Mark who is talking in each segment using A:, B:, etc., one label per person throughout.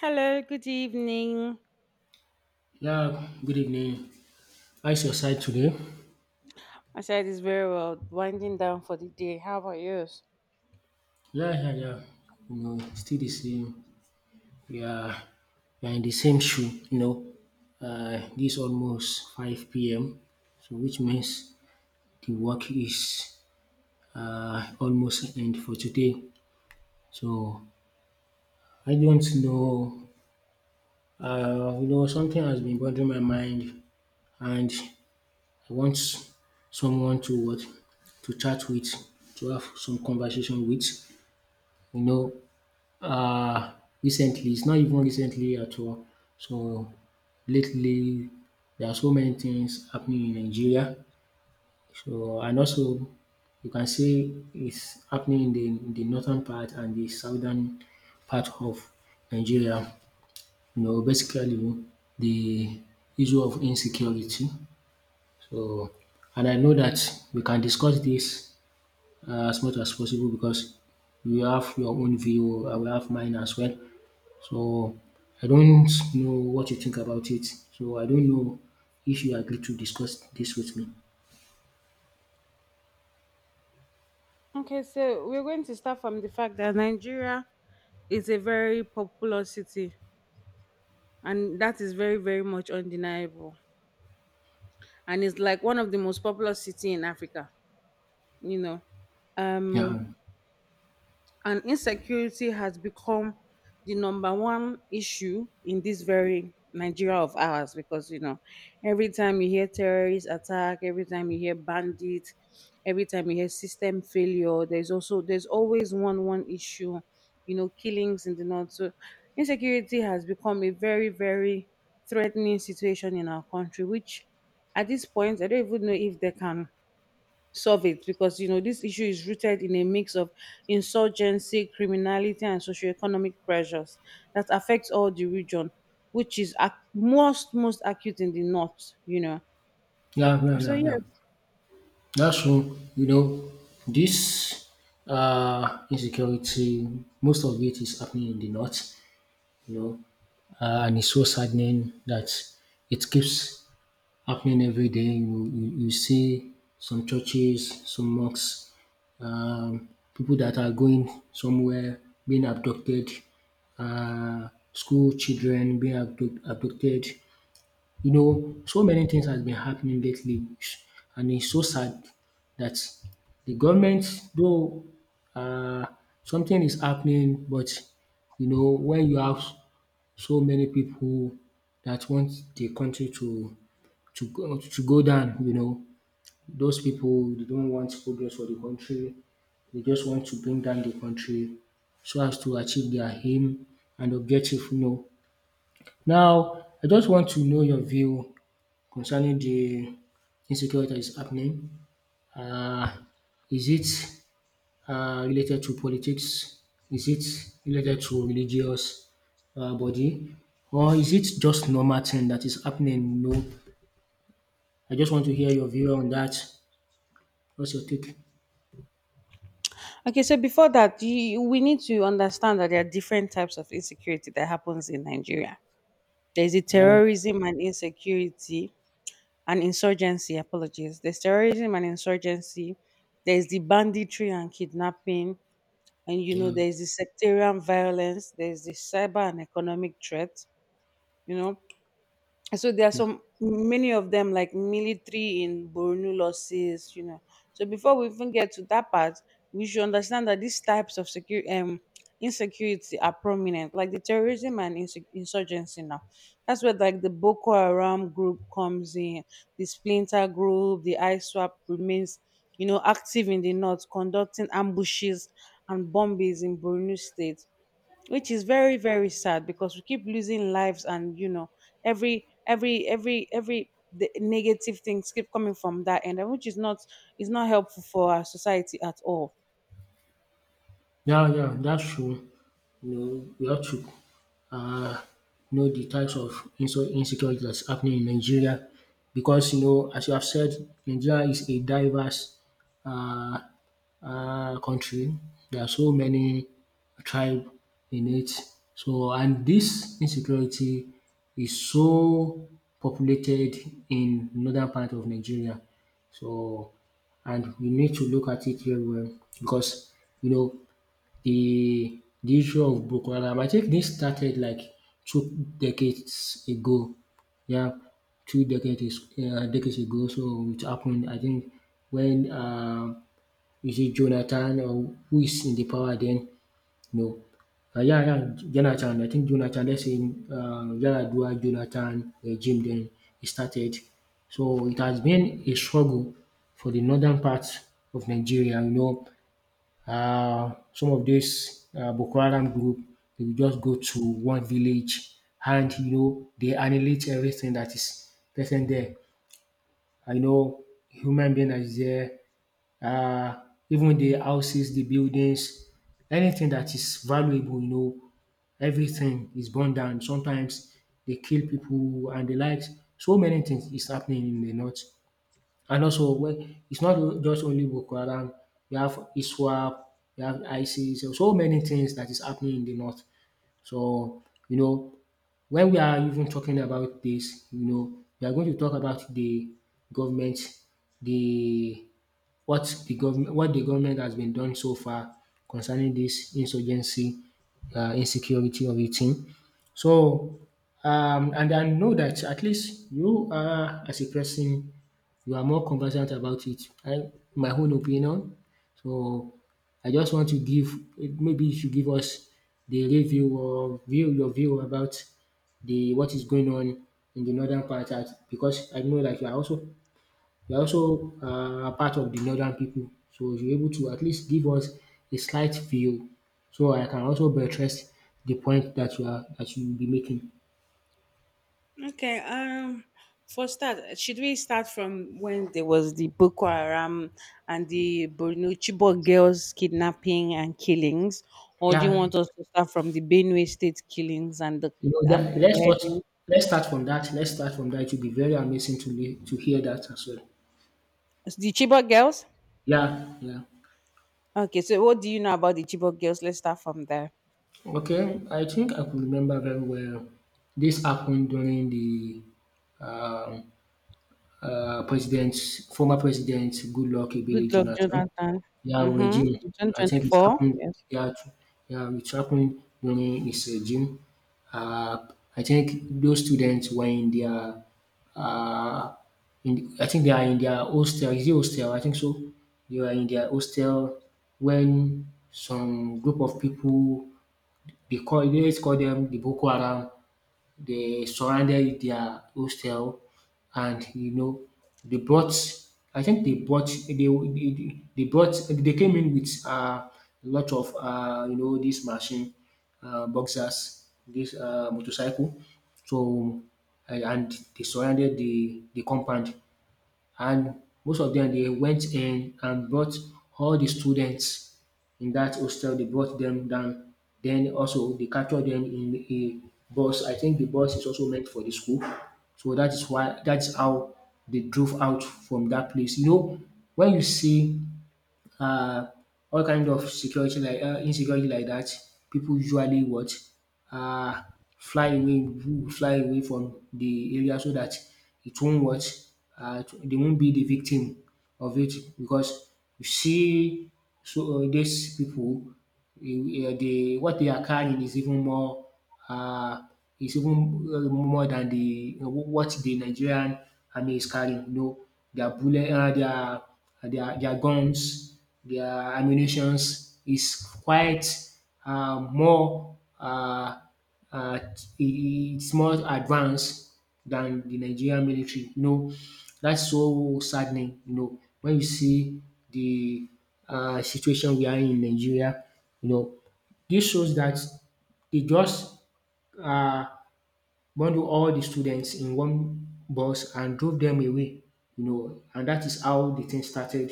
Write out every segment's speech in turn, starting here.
A: Hello, good evening.
B: Yeah, good evening. How is your side today?
A: I said it's very well, winding down for the day. How about yours?
B: Yeah, yeah, yeah. You know, still the same. We are, we are in the same shoe, you know. This almost 5 p.m., so which means the work is almost end for today. So I don't know, something has been bothering my mind and I want someone to what, to chat with, to have some conversation with. You know, uh, recently, it's not even recently at all. So lately, there are so many things happening in Nigeria. So and also, you can see it's happening in the northern part and the southern part of Nigeria. You know, basically the issue of insecurity. So, and I know that we can discuss this as much as possible because you have your own view, I will have mine as well. So I don't know what you think about it. So I don't know if you agree to discuss this with me.
A: Okay, so we're going to start from the fact that Nigeria is a very popular city, and that is very, very much undeniable. And it's like one of the most popular city in Africa, you know.
B: Yeah,
A: Um, and insecurity has become the number one issue in this very Nigeria of ours, because you know every time you hear terrorist attack, every time you hear bandits, every time you hear system failure, there's also there's always one issue, killings in the north. So insecurity has become a very, very threatening situation in our country, which at this point I don't even know if they can solve, it because you know this issue is rooted in a mix of insurgency, criminality, and socioeconomic pressures that affects all the region, which is most acute in the north.
B: yeah, yeah,
A: So
B: yeah, yeah.
A: yes.
B: That's true. You know, this insecurity, most of it is happening in the north. You know, and it's so saddening that it keeps happening every day. You see some churches, some mosques, people that are going somewhere being abducted, school children being abducted, you know, so many things has been happening lately and it's so sad that the government though, um something is happening, but you know when you have so many people that want the country to go down, you know. Those people, they don't want progress for the country. They just want to bring down the country so as to achieve their aim and objective, you know. Now I just want to know your view concerning the insecurity that is happening. Um is it related to politics? Is it related to religious body? Or is it just normal thing that is happening? No, I just want to hear your view on that. What's your take?
A: Okay. So before that, we need to understand that there are different types of insecurity that happens in Nigeria. There's the
B: Yeah,
A: terrorism and insecurity and insurgency. Apologies. There's terrorism and insurgency. There's the banditry and kidnapping. And
B: yeah,
A: there's the sectarian violence, there's the cyber and economic threat, you know, so there are
B: yeah.
A: some many of them, like military in Borno losses. So before we even get to that part, we should understand that these types of secure insecurity are prominent, like the terrorism and insurgency now. That's where like the Boko Haram group comes in, the splinter group, the ISWAP remains, active in the north, conducting ambushes and bombings in Borno State, which is very very sad, because we keep losing lives, and you know every the negative things keep coming from that end, and which is not helpful for our society at all.
B: Yeah, yeah, that's true. You know, we have to uh, know the types of insecurity that's happening in Nigeria because, you know, as you have said, Nigeria is a diverse uh, country. There are so many tribe in it. So, and this insecurity is so populated in northern part of Nigeria. So, and we need to look at it very well because you know the issue of Boko Haram. I think this started like 2 decades ago. Yeah, two decades ago. So it happened. I think when is it Jonathan or who is in the power then? No, yeah, yeah, Jonathan. I think Jonathan. Let's say Yaradua Jonathan regime, then it started. So it has been a struggle for the northern part of Nigeria. You know, some of this Boko Haram group, they will just go to one village and you know they annihilate everything that is present there. I know human being that is there, uh, even the houses, the buildings, anything that is valuable, you know, everything is burned down. Sometimes they kill people and the likes. So many things is happening in the north. And also, when it's not o- just only Boko Haram, you have ISWAP, you have ISIS, so many things that is happening in the north. So, you know, when we are even talking about this, you know, we are going to talk about the government, the what the government has been done so far concerning this insurgency, insecurity of a thing. So, and I know that at least you are as a person, you are more conversant about it. I, my own opinion. So I just want to give, maybe you should give us the review or view your view about the what is going on in the northern part as- because I know like you are also, you are also a part of the northern people, so you're able to at least give us a slight view, so I can also buttress the point that you are that you will be making.
A: Okay, for start, should we start from when there was the Boko Haram and the Borno Chibok girls kidnapping and killings, or do you
B: Yeah,
A: want us to start from the Benue State killings and the
B: you know
A: and
B: that.
A: the
B: Let's start.
A: beheading,
B: Let's start from that. Let's start from that. It will be very amazing to to hear that as well.
A: the Chibok girls?
B: Yeah, yeah.
A: Okay, so what do you know about the Chibok girls? Let's start from there.
B: Okay, I think I could remember very well. This happened during the um, president, former president Goodluck Ebele
A: Good luck,
B: Jonathan,
A: Jonathan.
B: yeah,
A: Mm-hmm.
B: regime. I think it
A: 2024.
B: happened.
A: Yes.
B: Yeah, t- yeah, it happened during his regime. Uh, I think those students were in uh, I think they are in their hostel. Is it hostel? I think so. They were in their hostel when some group of people, because let's call dem the Boko Haram. They surrounded their hostel and you know they brought, I think they brought, they came in with a lot of you know dis machine, boxers, dis motorcycle. So and they surrounded the compound and most of them they went in and brought all the students in that hostel. They brought them down. Then also they captured them in a bus. I think the bus is also meant for the school. So that is why, that's how they drove out from that place. You know, when you see uh, all kind of security like insecurity like that, people usually what, uh, fly away fly away from the area so that it won't what, they won't be the victim of it because you see, so these people, they what they are carrying is even more um is even more than the what the Nigerian army is carrying. You know, their bullet their guns, their ammunitions is quite more it's more advanced than the Nigerian military. You know, that's so saddening, you know, when you see the situation we are in Nigeria, you know. This shows that dey just uh, bundle all the students in one bus and drove them away, you know, and that is how the thing started.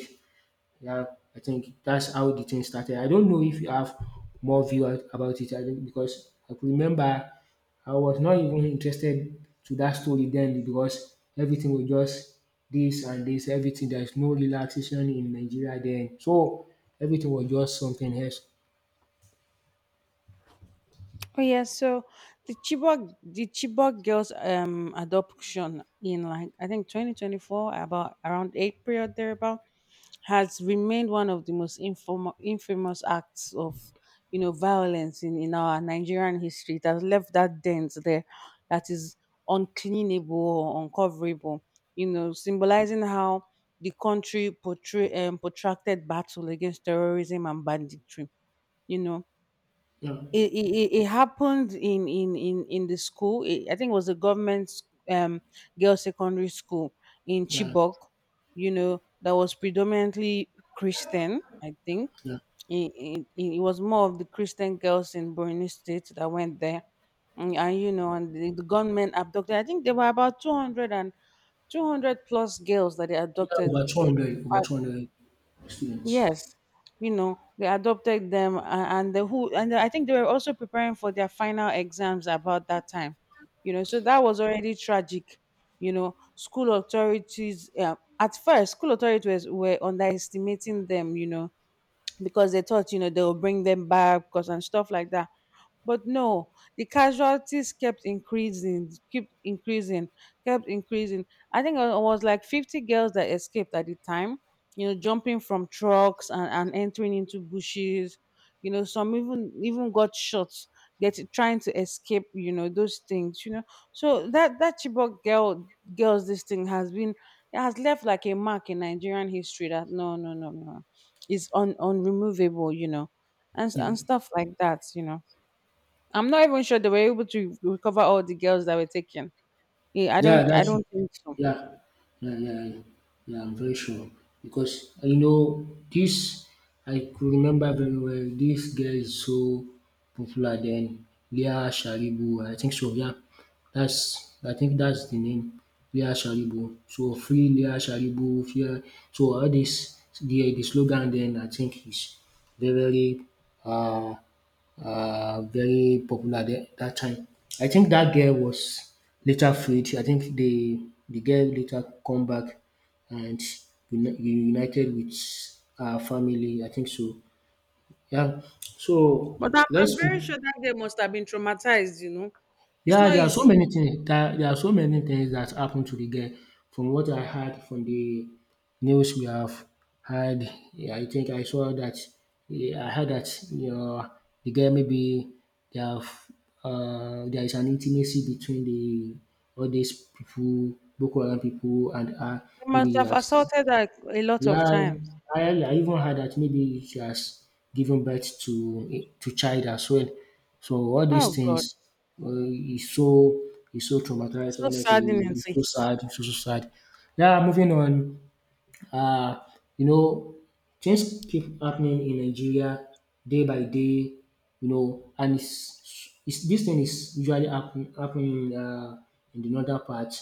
B: Yeah, I think that's how the thing started. I don't know if you have more view about it. I don't, because I could remember I was not even interested to that story then because everything was just this and this, everything. There's no relaxation in Nigeria then. So everything was just something else.
A: Oh yeah, so the Chibok girls adoption in, like, I think 2024, about around April thereabout, has remained one of the most infamous acts of, violence in our Nigerian history. It has left that dent there that is uncleanable or uncoverable, you know, symbolizing how the country portray, protracted battle against terrorism and banditry. You know,
B: Yeah,
A: it happened in the school. I think it was a government um girls secondary school in
B: yeah,
A: Chibok. You know that was predominantly Christian. I think
B: yeah.
A: it was more of the Christian girls in Borno State that went there, and, and the gunmen abducted. I think there were about 200 and 200 plus girls that they
B: Yeah,
A: abducted.
B: over
A: eh,
B: 200, over 200 students.
A: Yes, you know, they adopted them a- and the who and I think they were also preparing for their final exams about that time. You know, so that was already tragic. You know, school authorities, yeah, at first school authorities were underestimating them, you know, because they thought, you know, they'll bring them back, because and stuff like that. But no, the casualties kept increasing, kept increasing, kept increasing. I think it was like 50 girls that escaped at the time, you know, jumping from trucks, and entering into bushes. You know, some even got shot, get trying to escape, you know, those things, you know. So that Chibok girls this thing has been, it has left like a mark in Nigerian history that no, no, no, no, is un unremovable, you know,
B: Yeah,
A: and stuff like that, you know. I'm not even sure they were able to recover all the girls that were taken. Yeah, I
B: yeah,
A: don't I
B: that's yeah,
A: don't think so.
B: yeah, yeah. Yeah, I'm very sure because you know this. I could remember very well. This girl is so popular then. Leah Sharibu, I think so. Yeah, that's, I think that's the name. Leah Sharibu. So free Leah Sharibu. Fear. So all this, the slogan then, I think, is very, very uh very popular there that time. I think that girl was later freed. I think the girl later come back and reunited with her family. I think so. Yeah. So
A: But I'm,
B: let's,
A: I'm very sure that they must have been traumatized, you know. It's
B: yeah,
A: not easy.
B: there are so many things that happened to the girl. From what I heard from the news we have had, yeah, I think I saw that yeah, I heard that, you know, the girl maybe they have there is an intimacy between the all these people, Boko Haram people, and
A: They must
B: maybe
A: have
B: as,
A: assaulted her a lot of
B: yeah,
A: times.
B: I even heard that maybe she has given birth to child as well. So all these
A: Oh God.
B: things uh, is so is so
A: It's
B: traumatized.
A: so saddening
B: Honestly,
A: to
B: it's
A: hear.
B: so sad. It's so, so sad. Yeah, moving on. Uh, you know, just keep happening in Nigeria day by day, you know, and it's this thing is usually happening in the northern part.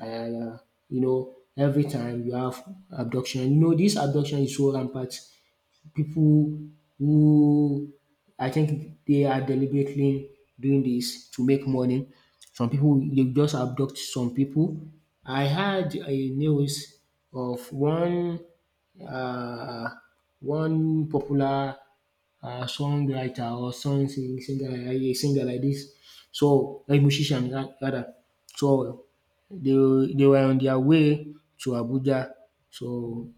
B: Uh, you know, every time you have abduction, you know, this abduction is so rampant. People who, I think, they are deliberately doing this to make money. Some people they just abduct some people. I had a news of one uh, one popular songwriter or song sing- singer, a singer like this. So a musician rather. So they they were on their way to Abuja. So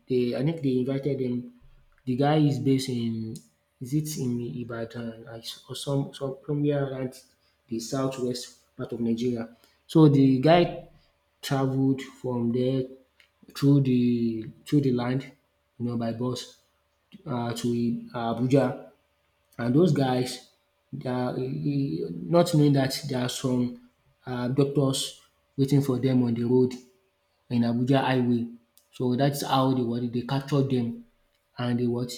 B: they, I think they invited them, the guy is based in, is it in Ibadan I or somewhere around the southwest part of Nigeria. So the guy traveled from there through the land, you know, by bus to Abuja. And those guys, they are, not knowing that there are some doctors waiting for them on the road in Abuja highway. So that's how they were. They captured them, and they what,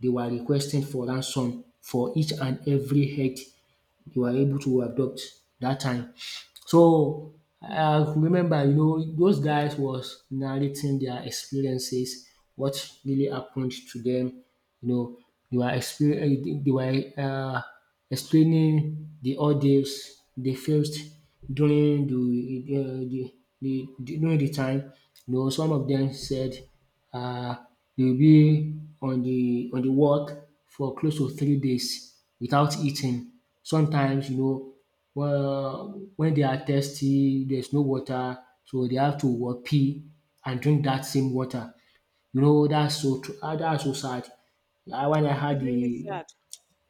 B: they were requesting for ransom for each and every head they were able to abduct that time. So I remember, you know, those guys was narrating their experiences, what really happened to them. You know, they were explaining the ordeals they faced during the, the during the time. You know, some of them said uh, they'll be on the work for close to 3 days without eating. Sometimes, you know, well, when they are thirsty, there's no water, so they have to what pee and drink that same water. You know, that's so sad. I, when I
A: That's
B: had
A: really
B: the
A: sad.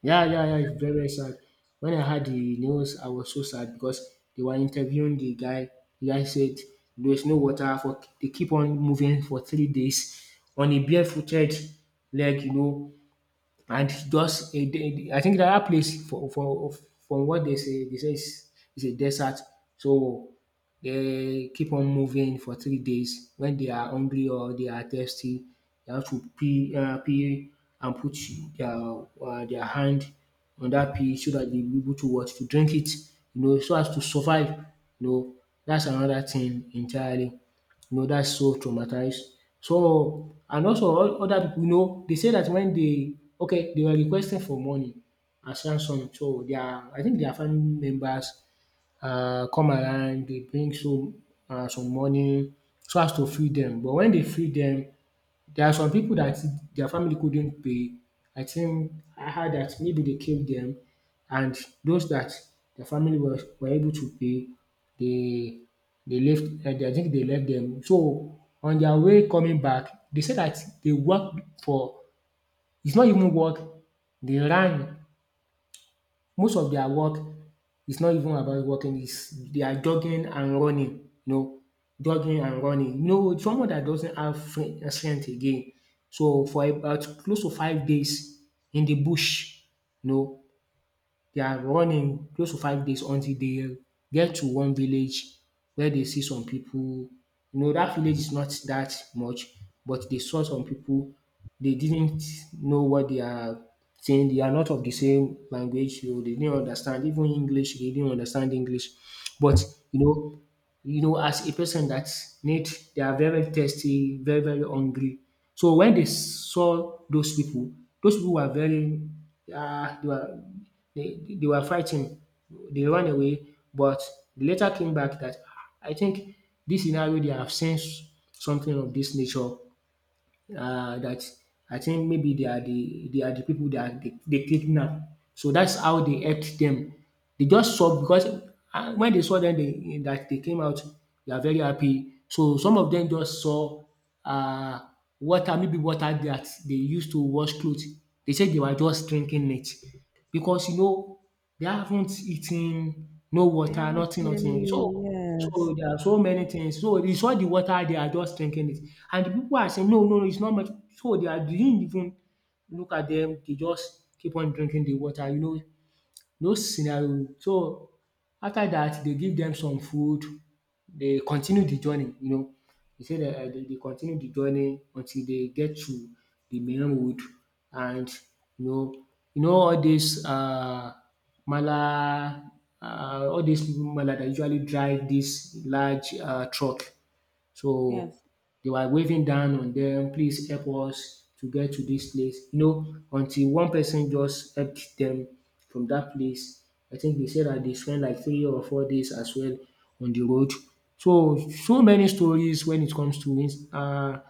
B: Yeah, yeah, yeah, it's very, very sad. When I had the news, I was so sad because they were interviewing the guy. The guy said there's no water for they keep on moving for 3 days on a barefooted leg, you know, and I think that that place for from what they say is a desert. So they keep on moving for 3 days. When they are hungry or they are thirsty, they have to pee and put their their hand on that pee so that they be able to what to drink it. You know, so as to survive. You know, that's another thing entirely, you know, that's so traumatized. So and also all other people, you know, they say that when they okay they were requesting for money as ransom so dia I think their family members come around they bring some money so as to free them, but when they free them. There are some people that their family couldn't pay. I think I heard that maybe they killed them, and those that their family was were able to pay, they they left. I think they left them. So on their way coming back, they said that they worked for. It's not even work. They ran most of their work is not even about working. Is they are jogging and running, you know, jogging and running. You know, someone that doesn't have strength again, so for about close to 5 days in the bush, you know, they are running close to 5 days until they get to one village where they see some people. You know, that village is not that much, but they saw some people. They didn't know what they are saying. They are not of the same language. You know, they didn't understand even English. They didn't understand English. But, you know, you know, as a person that need they are very very thirsty, very, very hungry. So when they saw those people were very they were they were fighting. They ran away, but they later came back that "Ah, I think this scenario they have seen something of this nature that I think maybe they are the people that they kidnap. So that's how they helped them. They just saw because when they saw that they came out, they are very happy. So some of them just saw uh, water, maybe water that they used to wash clothes. They said they were just drinking it because you know they haven't eaten, no
A: They
B: water,
A: haven't
B: nothing,
A: seen any
B: nothing. So
A: male. Yes.
B: so there are so many things. So it's all the water they are just drinking it. And the people are saying, "No, no, no, it's not much." So they are they didn't even look at them. They just keep on drinking the water, you know. No scenario so after that, they give them some food. They continue the journey, you know, they say that they dey continue the journey until they get to the main road and you know you know all this. Mala all this mala that usually drive this large truck so
A: Yes.
B: they were waving down on them, please help us to get to this place, you know, until one person just helped them from that place. I think they said that they spent like 3 or 4 days as well on the road. So, so many stories when it comes to uh,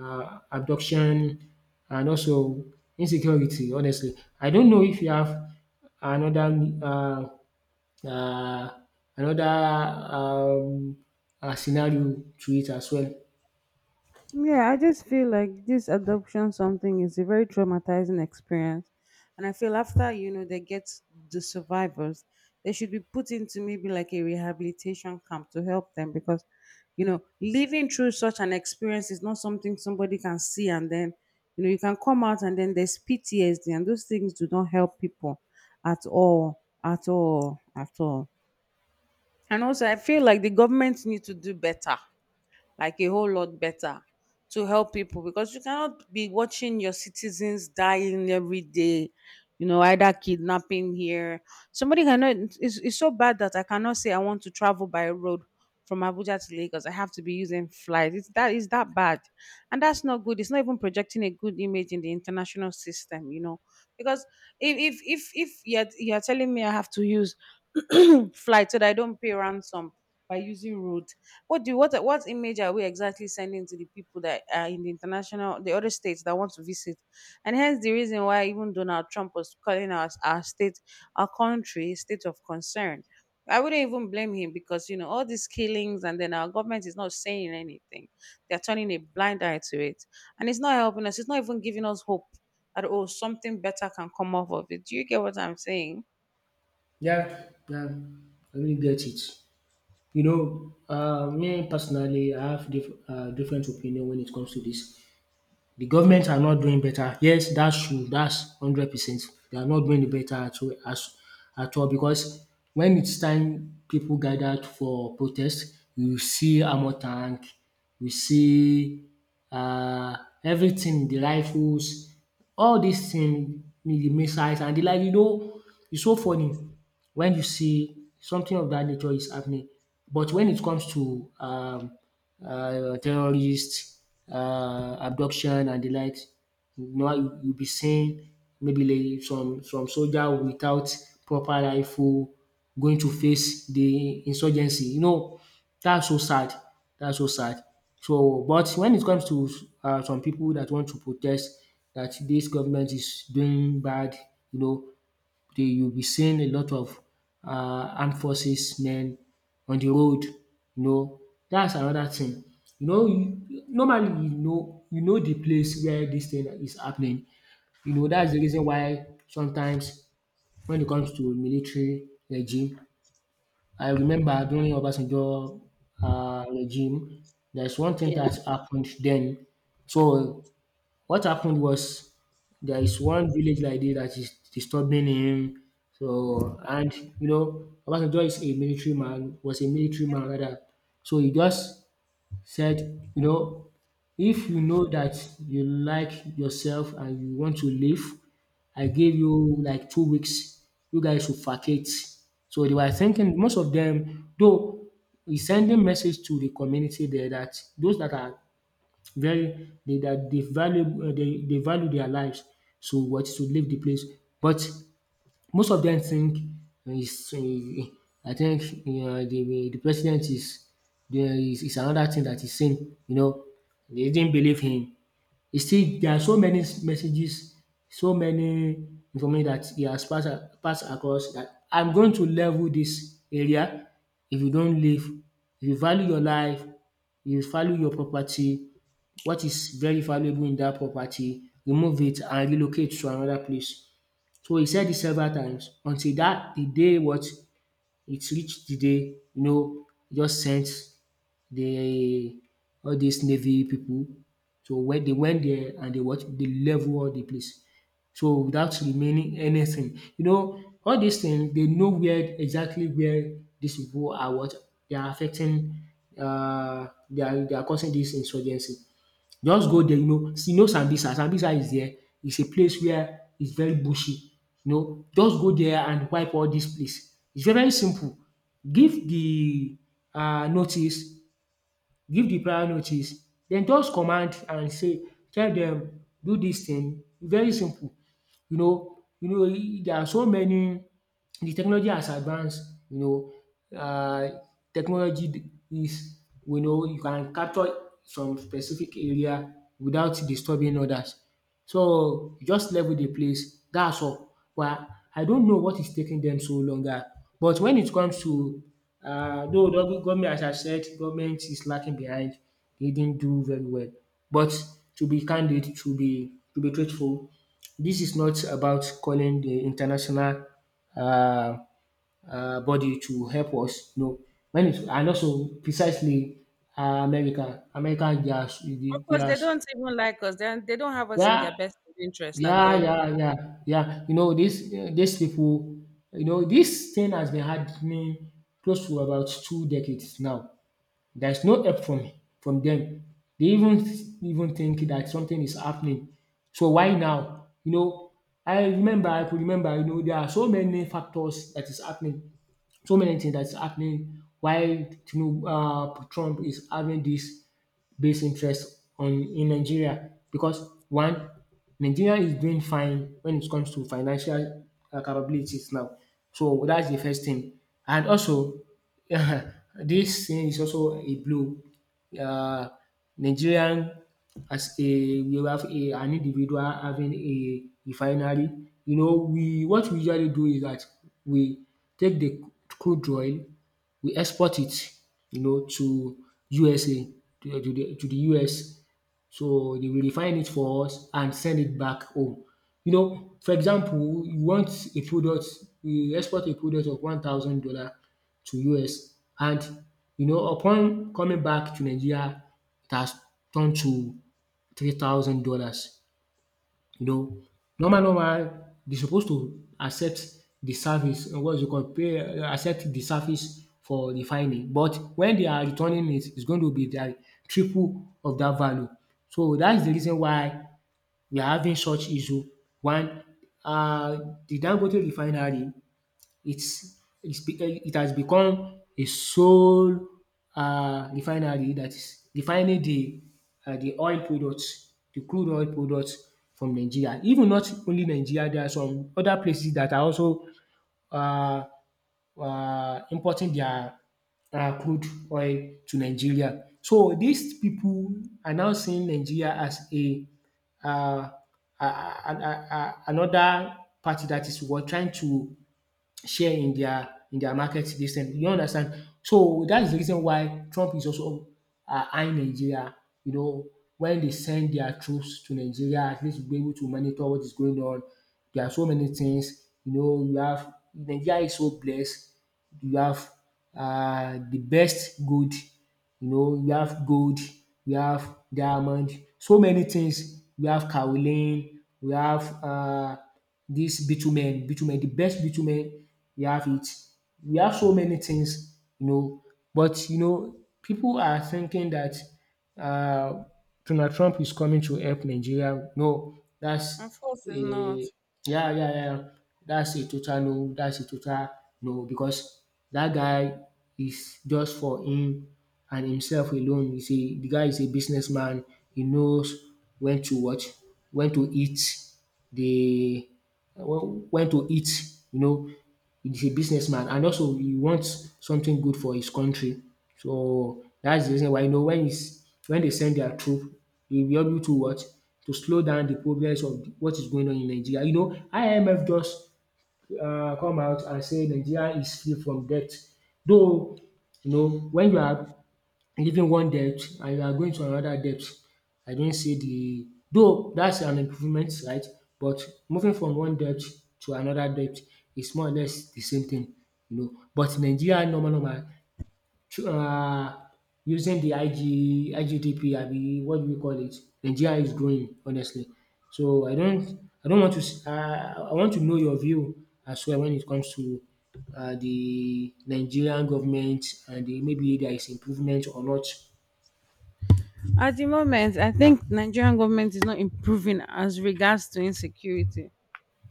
B: uh, abduction and also insecurity, honestly. I don't know if you have another uh, uh, another scenario to it as well.
A: Yeah, I just feel like this adoption something is a very traumatizing experience. And I feel after, they get the survivors, they should be put into maybe like a rehabilitation camp to help them, because, living through such an experience is not something somebody can see, and then, you can come out, and then there's PTSD, and those things do not help people at all, at all, at all. And also, I feel like the government need to do better, like a whole lot better, to help people, because you cannot be watching your citizens dying every day, either kidnapping here, somebody cannot, it's so bad that I cannot say I want to travel by road from Abuja to Lagos. I have to be using flight. It's That is that bad, and that's not good. It's not even projecting a good image in the international system, because if you're telling me I have to use flight so that I don't pay ransom by using road, what do what image are we exactly sending to the people that are in the international, the other states that want to visit? And hence the reason why even Donald Trump was calling us, our state, our country, a state of concern. I wouldn't even blame him, because you know all these killings, and then our government is not saying anything. They're turning a blind eye to it, and it's not helping us. It's not even giving us hope that, oh, something better can come off of it. Do you get what I'm saying?
B: Yeah, yeah, I really get it. You know, me personally, I have different opinion when it comes to this. The government are not doing better. Yes, that's true. That's 100%. They are not doing it better at all as at all because when it's time people gathered for protest, you see armour tank, you see uh, everything, the rifles, all these things, the missiles and the like. You know, it's so funny when you see something of that nature is happening. But when it comes to terrorist abduction and the likes, you know, you'll be seeing maybe like some soldier without proper rifle going to face the insurgency. You know, that's so sad. That's so sad. So, but when it comes to some people that want to protest that this government is doing bad, you know, they you'll be seeing a lot of armed forces men on the road, you know. That's another thing. You know you, normally you know the place where this thing is happening. You know that's the reason why sometimes when it comes to military regime, I remember during Obasanjo regime there's one thing
A: Yeah.
B: that happened then. So what happened was there is one village lady that is disturbing him. So and you know, Obasanjo is a military man, was a military man rather. So he just said, you know, if you know that you like yourself and you want to live, I give you like 2 weeks. You guys should vacate. So they were thinking most of them, though he's sending message to the community there that those that are very they that they value they value their lives so what to leave the place. But most of them think is I think the president is there is another thing that is saying, you know. They didn't believe him. You see there are so many messages, so many information that he has passed across that I'm going to level this area if you don't leave, if you value your life, you value your property what is very valuable in that property, remove it and relocate to another place. So he said it several times until that the day what it reached the day you know he just sent the all these navy people. So when they went there and they what they level all the place so without remaining anything. You know all these things they know where exactly where these people are what they are affecting. They are they are causing this insurgency. Just go there, you know, See, no Sambisa, Sambisa is there. It's a place where it's very bushy. You know, just go there and wipe all this place. It's very, very simple. Give the notice, give the prior notice, then just command and say tell them do this thing. Very simple. You know e there are so many the technology has advanced, you know, technology is we know you can capture some specific area without disturbing others. So you just level the place. That's all. But I don't know what is taking them so longer but when it comes to though the government as I said government is lacking behind. They didn't do very well but to be candid to be truthful this is not about calling the international uh, body to help us. No, when it, and also precisely America, America, they are,
A: Of course, they don't even like us. They don't have us in their
B: yeah,
A: best interest at
B: yeah,
A: all. Oh.
B: yeah, yeah, yeah. You know, this, these people, you know, this thing has been happening close to about 2 decades now. There's no help from them. They even even think that something is happening. So why now? You know, I could remember, you know, there are so many factors that is happening, so many things that's happening. Why Trump is having this based interest on in Nigeria because one, Nigeria is doing fine when it comes to financial capabilities now. So that's the first thing. And also this thing is also a blow. um Nigerian as a we have a an individual having a refinery. You know we what we usually do is that we take the crude oil we export it you know to USA to to the US. So they will refine it for us and send it back home. You know, for example, you want a product, you export a product of $1,000 to US and you know upon coming back to Nigeria it has turned to $3,000. You know, normal normal they suppose to accept the service or what is it called, pay accept the service for refining, but when they are returning it, it's going to be like triple of that value. So that is the reason why we are having such issue. One, uh, the Dangote refinery it's it has become a sole refinery that is refining the oil products, the crude oil products from Nigeria. Even not only Nigeria, there are some other places that are also uh importing their crude oil to Nigeria. So these people are now seeing Nigeria as a um another party that is what trying to share in their market this time. You understand? So that is the reason why Trump is also eyeing Nigeria. You know, when they send their troops to Nigeria, at least you'll be able to monitor what is going on. There are so many things, you know. You have Nigeria is so blessed. You have the best gold, you know, you have gold, you have diamond, so many things. We have kaolin, we have this bitumen, the best bitumen we have it. We have so many things, you know, but you know, people are thinking that, uh. Donald Trump is coming to help Nigeria. No, that's
A: Of course, it's not.
B: a yeah, yeah, yeah. That's a total no. That's a total no because that guy is just for him and himself alone. He's a The guy is a businessman. He knows when to watch, when to eat, the when to eat. You know, he's a businessman and also he wants something good for his country. So that's the reason why, you know, when they send their troop, they will be able to what? To slow down the progress of what is going on in Nigeria. You know, IMF just come out and say Nigeria is free from debt. Though, you know, when you are leaving one debt and you are going to another debt, I don't see the, though that's an improvement, right? But moving from one debt to another debt is more or less the same thing, you know. But Nigeria normal normal um using the IG IGDP, abi what do you call it, Nigeria is growing, honestly. So I don't want to s I want to know your view as well when it comes to the Nigerian government and the, maybe there is improvement or not.
A: At the moment, I think Nigerian government is not improving as regards to insecurity.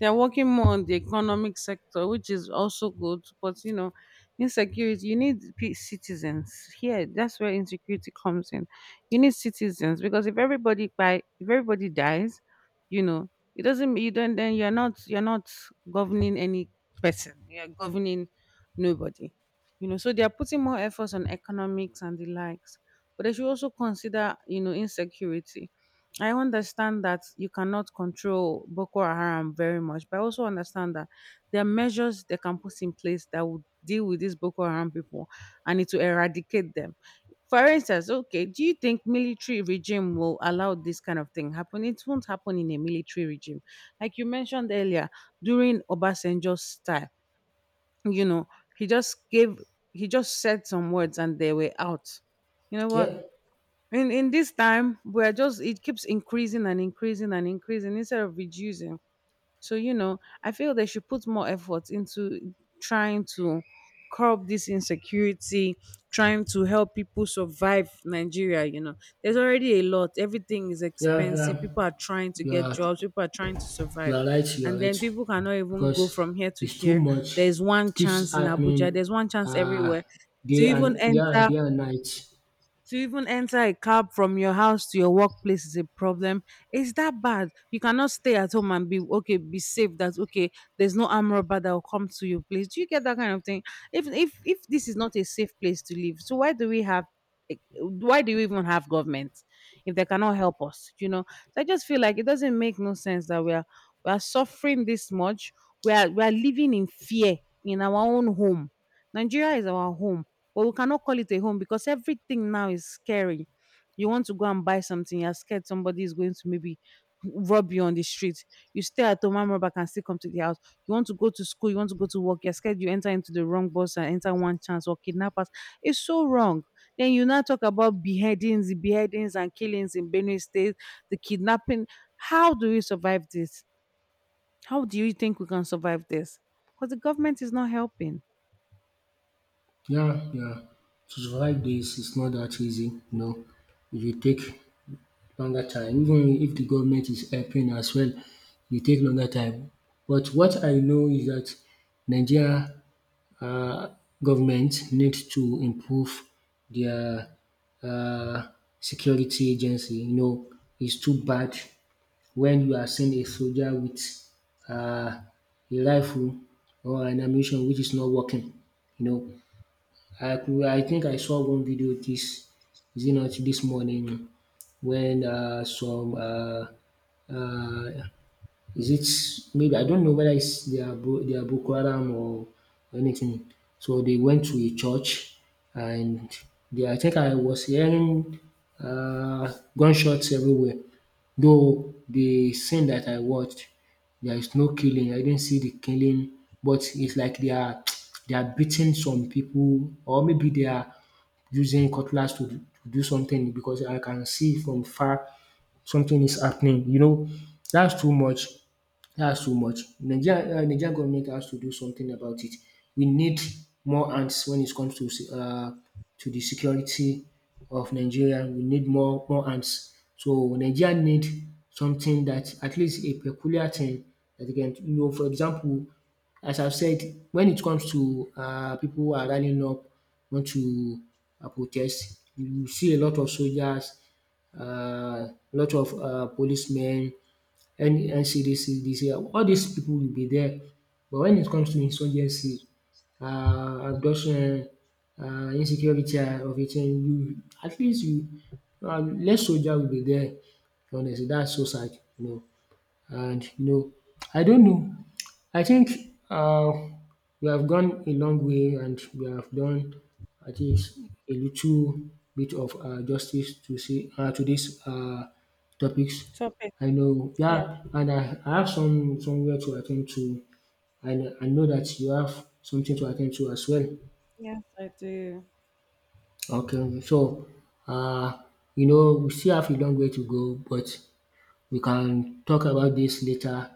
A: They're working more on the economic sector, which is also good. But insecurity, you need citizens. Here, that's where insecurity comes in. You need citizens, because if everybody dies, you know, it doesn't, you don't then you're not governing any person. You're governing nobody. So they are putting more efforts on economics and the likes. But they should also consider, insecurity. I understand that you cannot control Boko Haram very much, but I also understand that there are measures they can put in place that would deal with these Boko Haram people, and it will eradicate them. For instance, okay, do you think military regime will allow this kind of thing happen? It won't happen in a military regime. Like you mentioned earlier, during Obasanjo's time, you know, he just gave he just said some words and they were out. You know what?
B: Yeah,
A: In this time, we're just it keeps increasing and increasing and increasing, instead of reducing. So I feel they should put more effort into trying to curb this insecurity, trying to help people survive Nigeria. There's already a lot. Everything is
B: yeah,
A: expensive.
B: yeah.
A: People are trying to
B: You
A: get
B: are
A: jobs. People are trying to
B: you
A: survive,
B: are right. You are
A: and then
B: right
A: people cannot even go
B: because
A: from here to
B: it's too
A: here.
B: much.
A: There's one
B: It keeps
A: chance in Abuja,
B: happening,
A: there's one chance
B: uh,
A: everywhere. to
B: day
A: even
B: and, yeah,
A: enter
B: day and night.
A: to even enter a cab from your house to your workplace is a problem. It's that bad. You cannot stay at home and be okay, be safe, that okay, there's no arm robber that will come to your place. Do you get that kind of thing? If this is not a safe place to live, so why do why do we even have government if they cannot help us? So I just feel like it doesn't make no sense that we are suffering this much. We are living in fear in our own home. Nigeria is our home, but we cannot call it a home because everything now is scary. You want to go and buy something, you're scared somebody is going to maybe rob you on the street. You stay at home, and robber can still come to the house. You want to go to school, you want to go to work, you're scared you enter into the wrong bus and enter one chance or kidnappers. It's so wrong. Then you now talk about beheadings, beheadings and killings in Benue State, the kidnapping. How do we survive this? How do you think we can survive this? Because the government is not helping.
B: Yeah, yeah. To survive this is not that easy. No, it will take longer time. Even if the government is helping as well, it will take longer time. But what I know is that Nigeria uh, government needs to improve their uh, security agency. You know, it's too bad when you are seeing a soldier with uh, a rifle or an ammunition which is not working. You know, I could, I think I saw one video this, is it not this morning, when some uh, is it, maybe I don't know whether it's, they are they are Boko Haram or anything. So they went to a church and they, I think I was hearing gunshots everywhere. Though the scene that I watched, there is no killing. I didn't see the killing, but it's like they are they are beating some people, or maybe they are using cutlass to, to do something because I can see from far something is happening. You know, that's too much. That's so much. Nigeria, Nigeria government has to do something about it. We need more hands when it comes to se to the security of Nigeria. We need more hands. So Nigeria need something that, at least a peculiar thing that you can, you know, for example, as I've said, when it comes to people who are rallying up, want to protest, you see a lot of soldiers, lot of policemen, N NCDC, DCI, all these people will be there. But when it comes to insurgency, abduction, insecurity of a thing, you, at least you, less soldier will be there. Honestly, that's so sad, you know, and no, I don't know. I think uh, we have gone a long way and we have done, I think, a little bit of justice to see, to these topics. I know, yeah, and I have somewhere to attend to, and I know that you have something to attend to as well.
A: Yes, I do.
B: Okay, so, uh, you know, we still have a long way to go, but we can talk about this later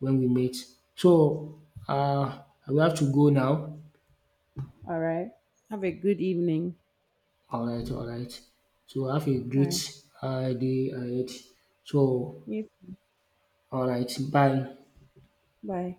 B: when we meet. So, I will have to go now.
A: All right. Have a good evening.
B: Alright, alright. So, have a great
A: Bye.
B: day ahead. So,
A: Yes.
B: alright, bye.
A: Bye.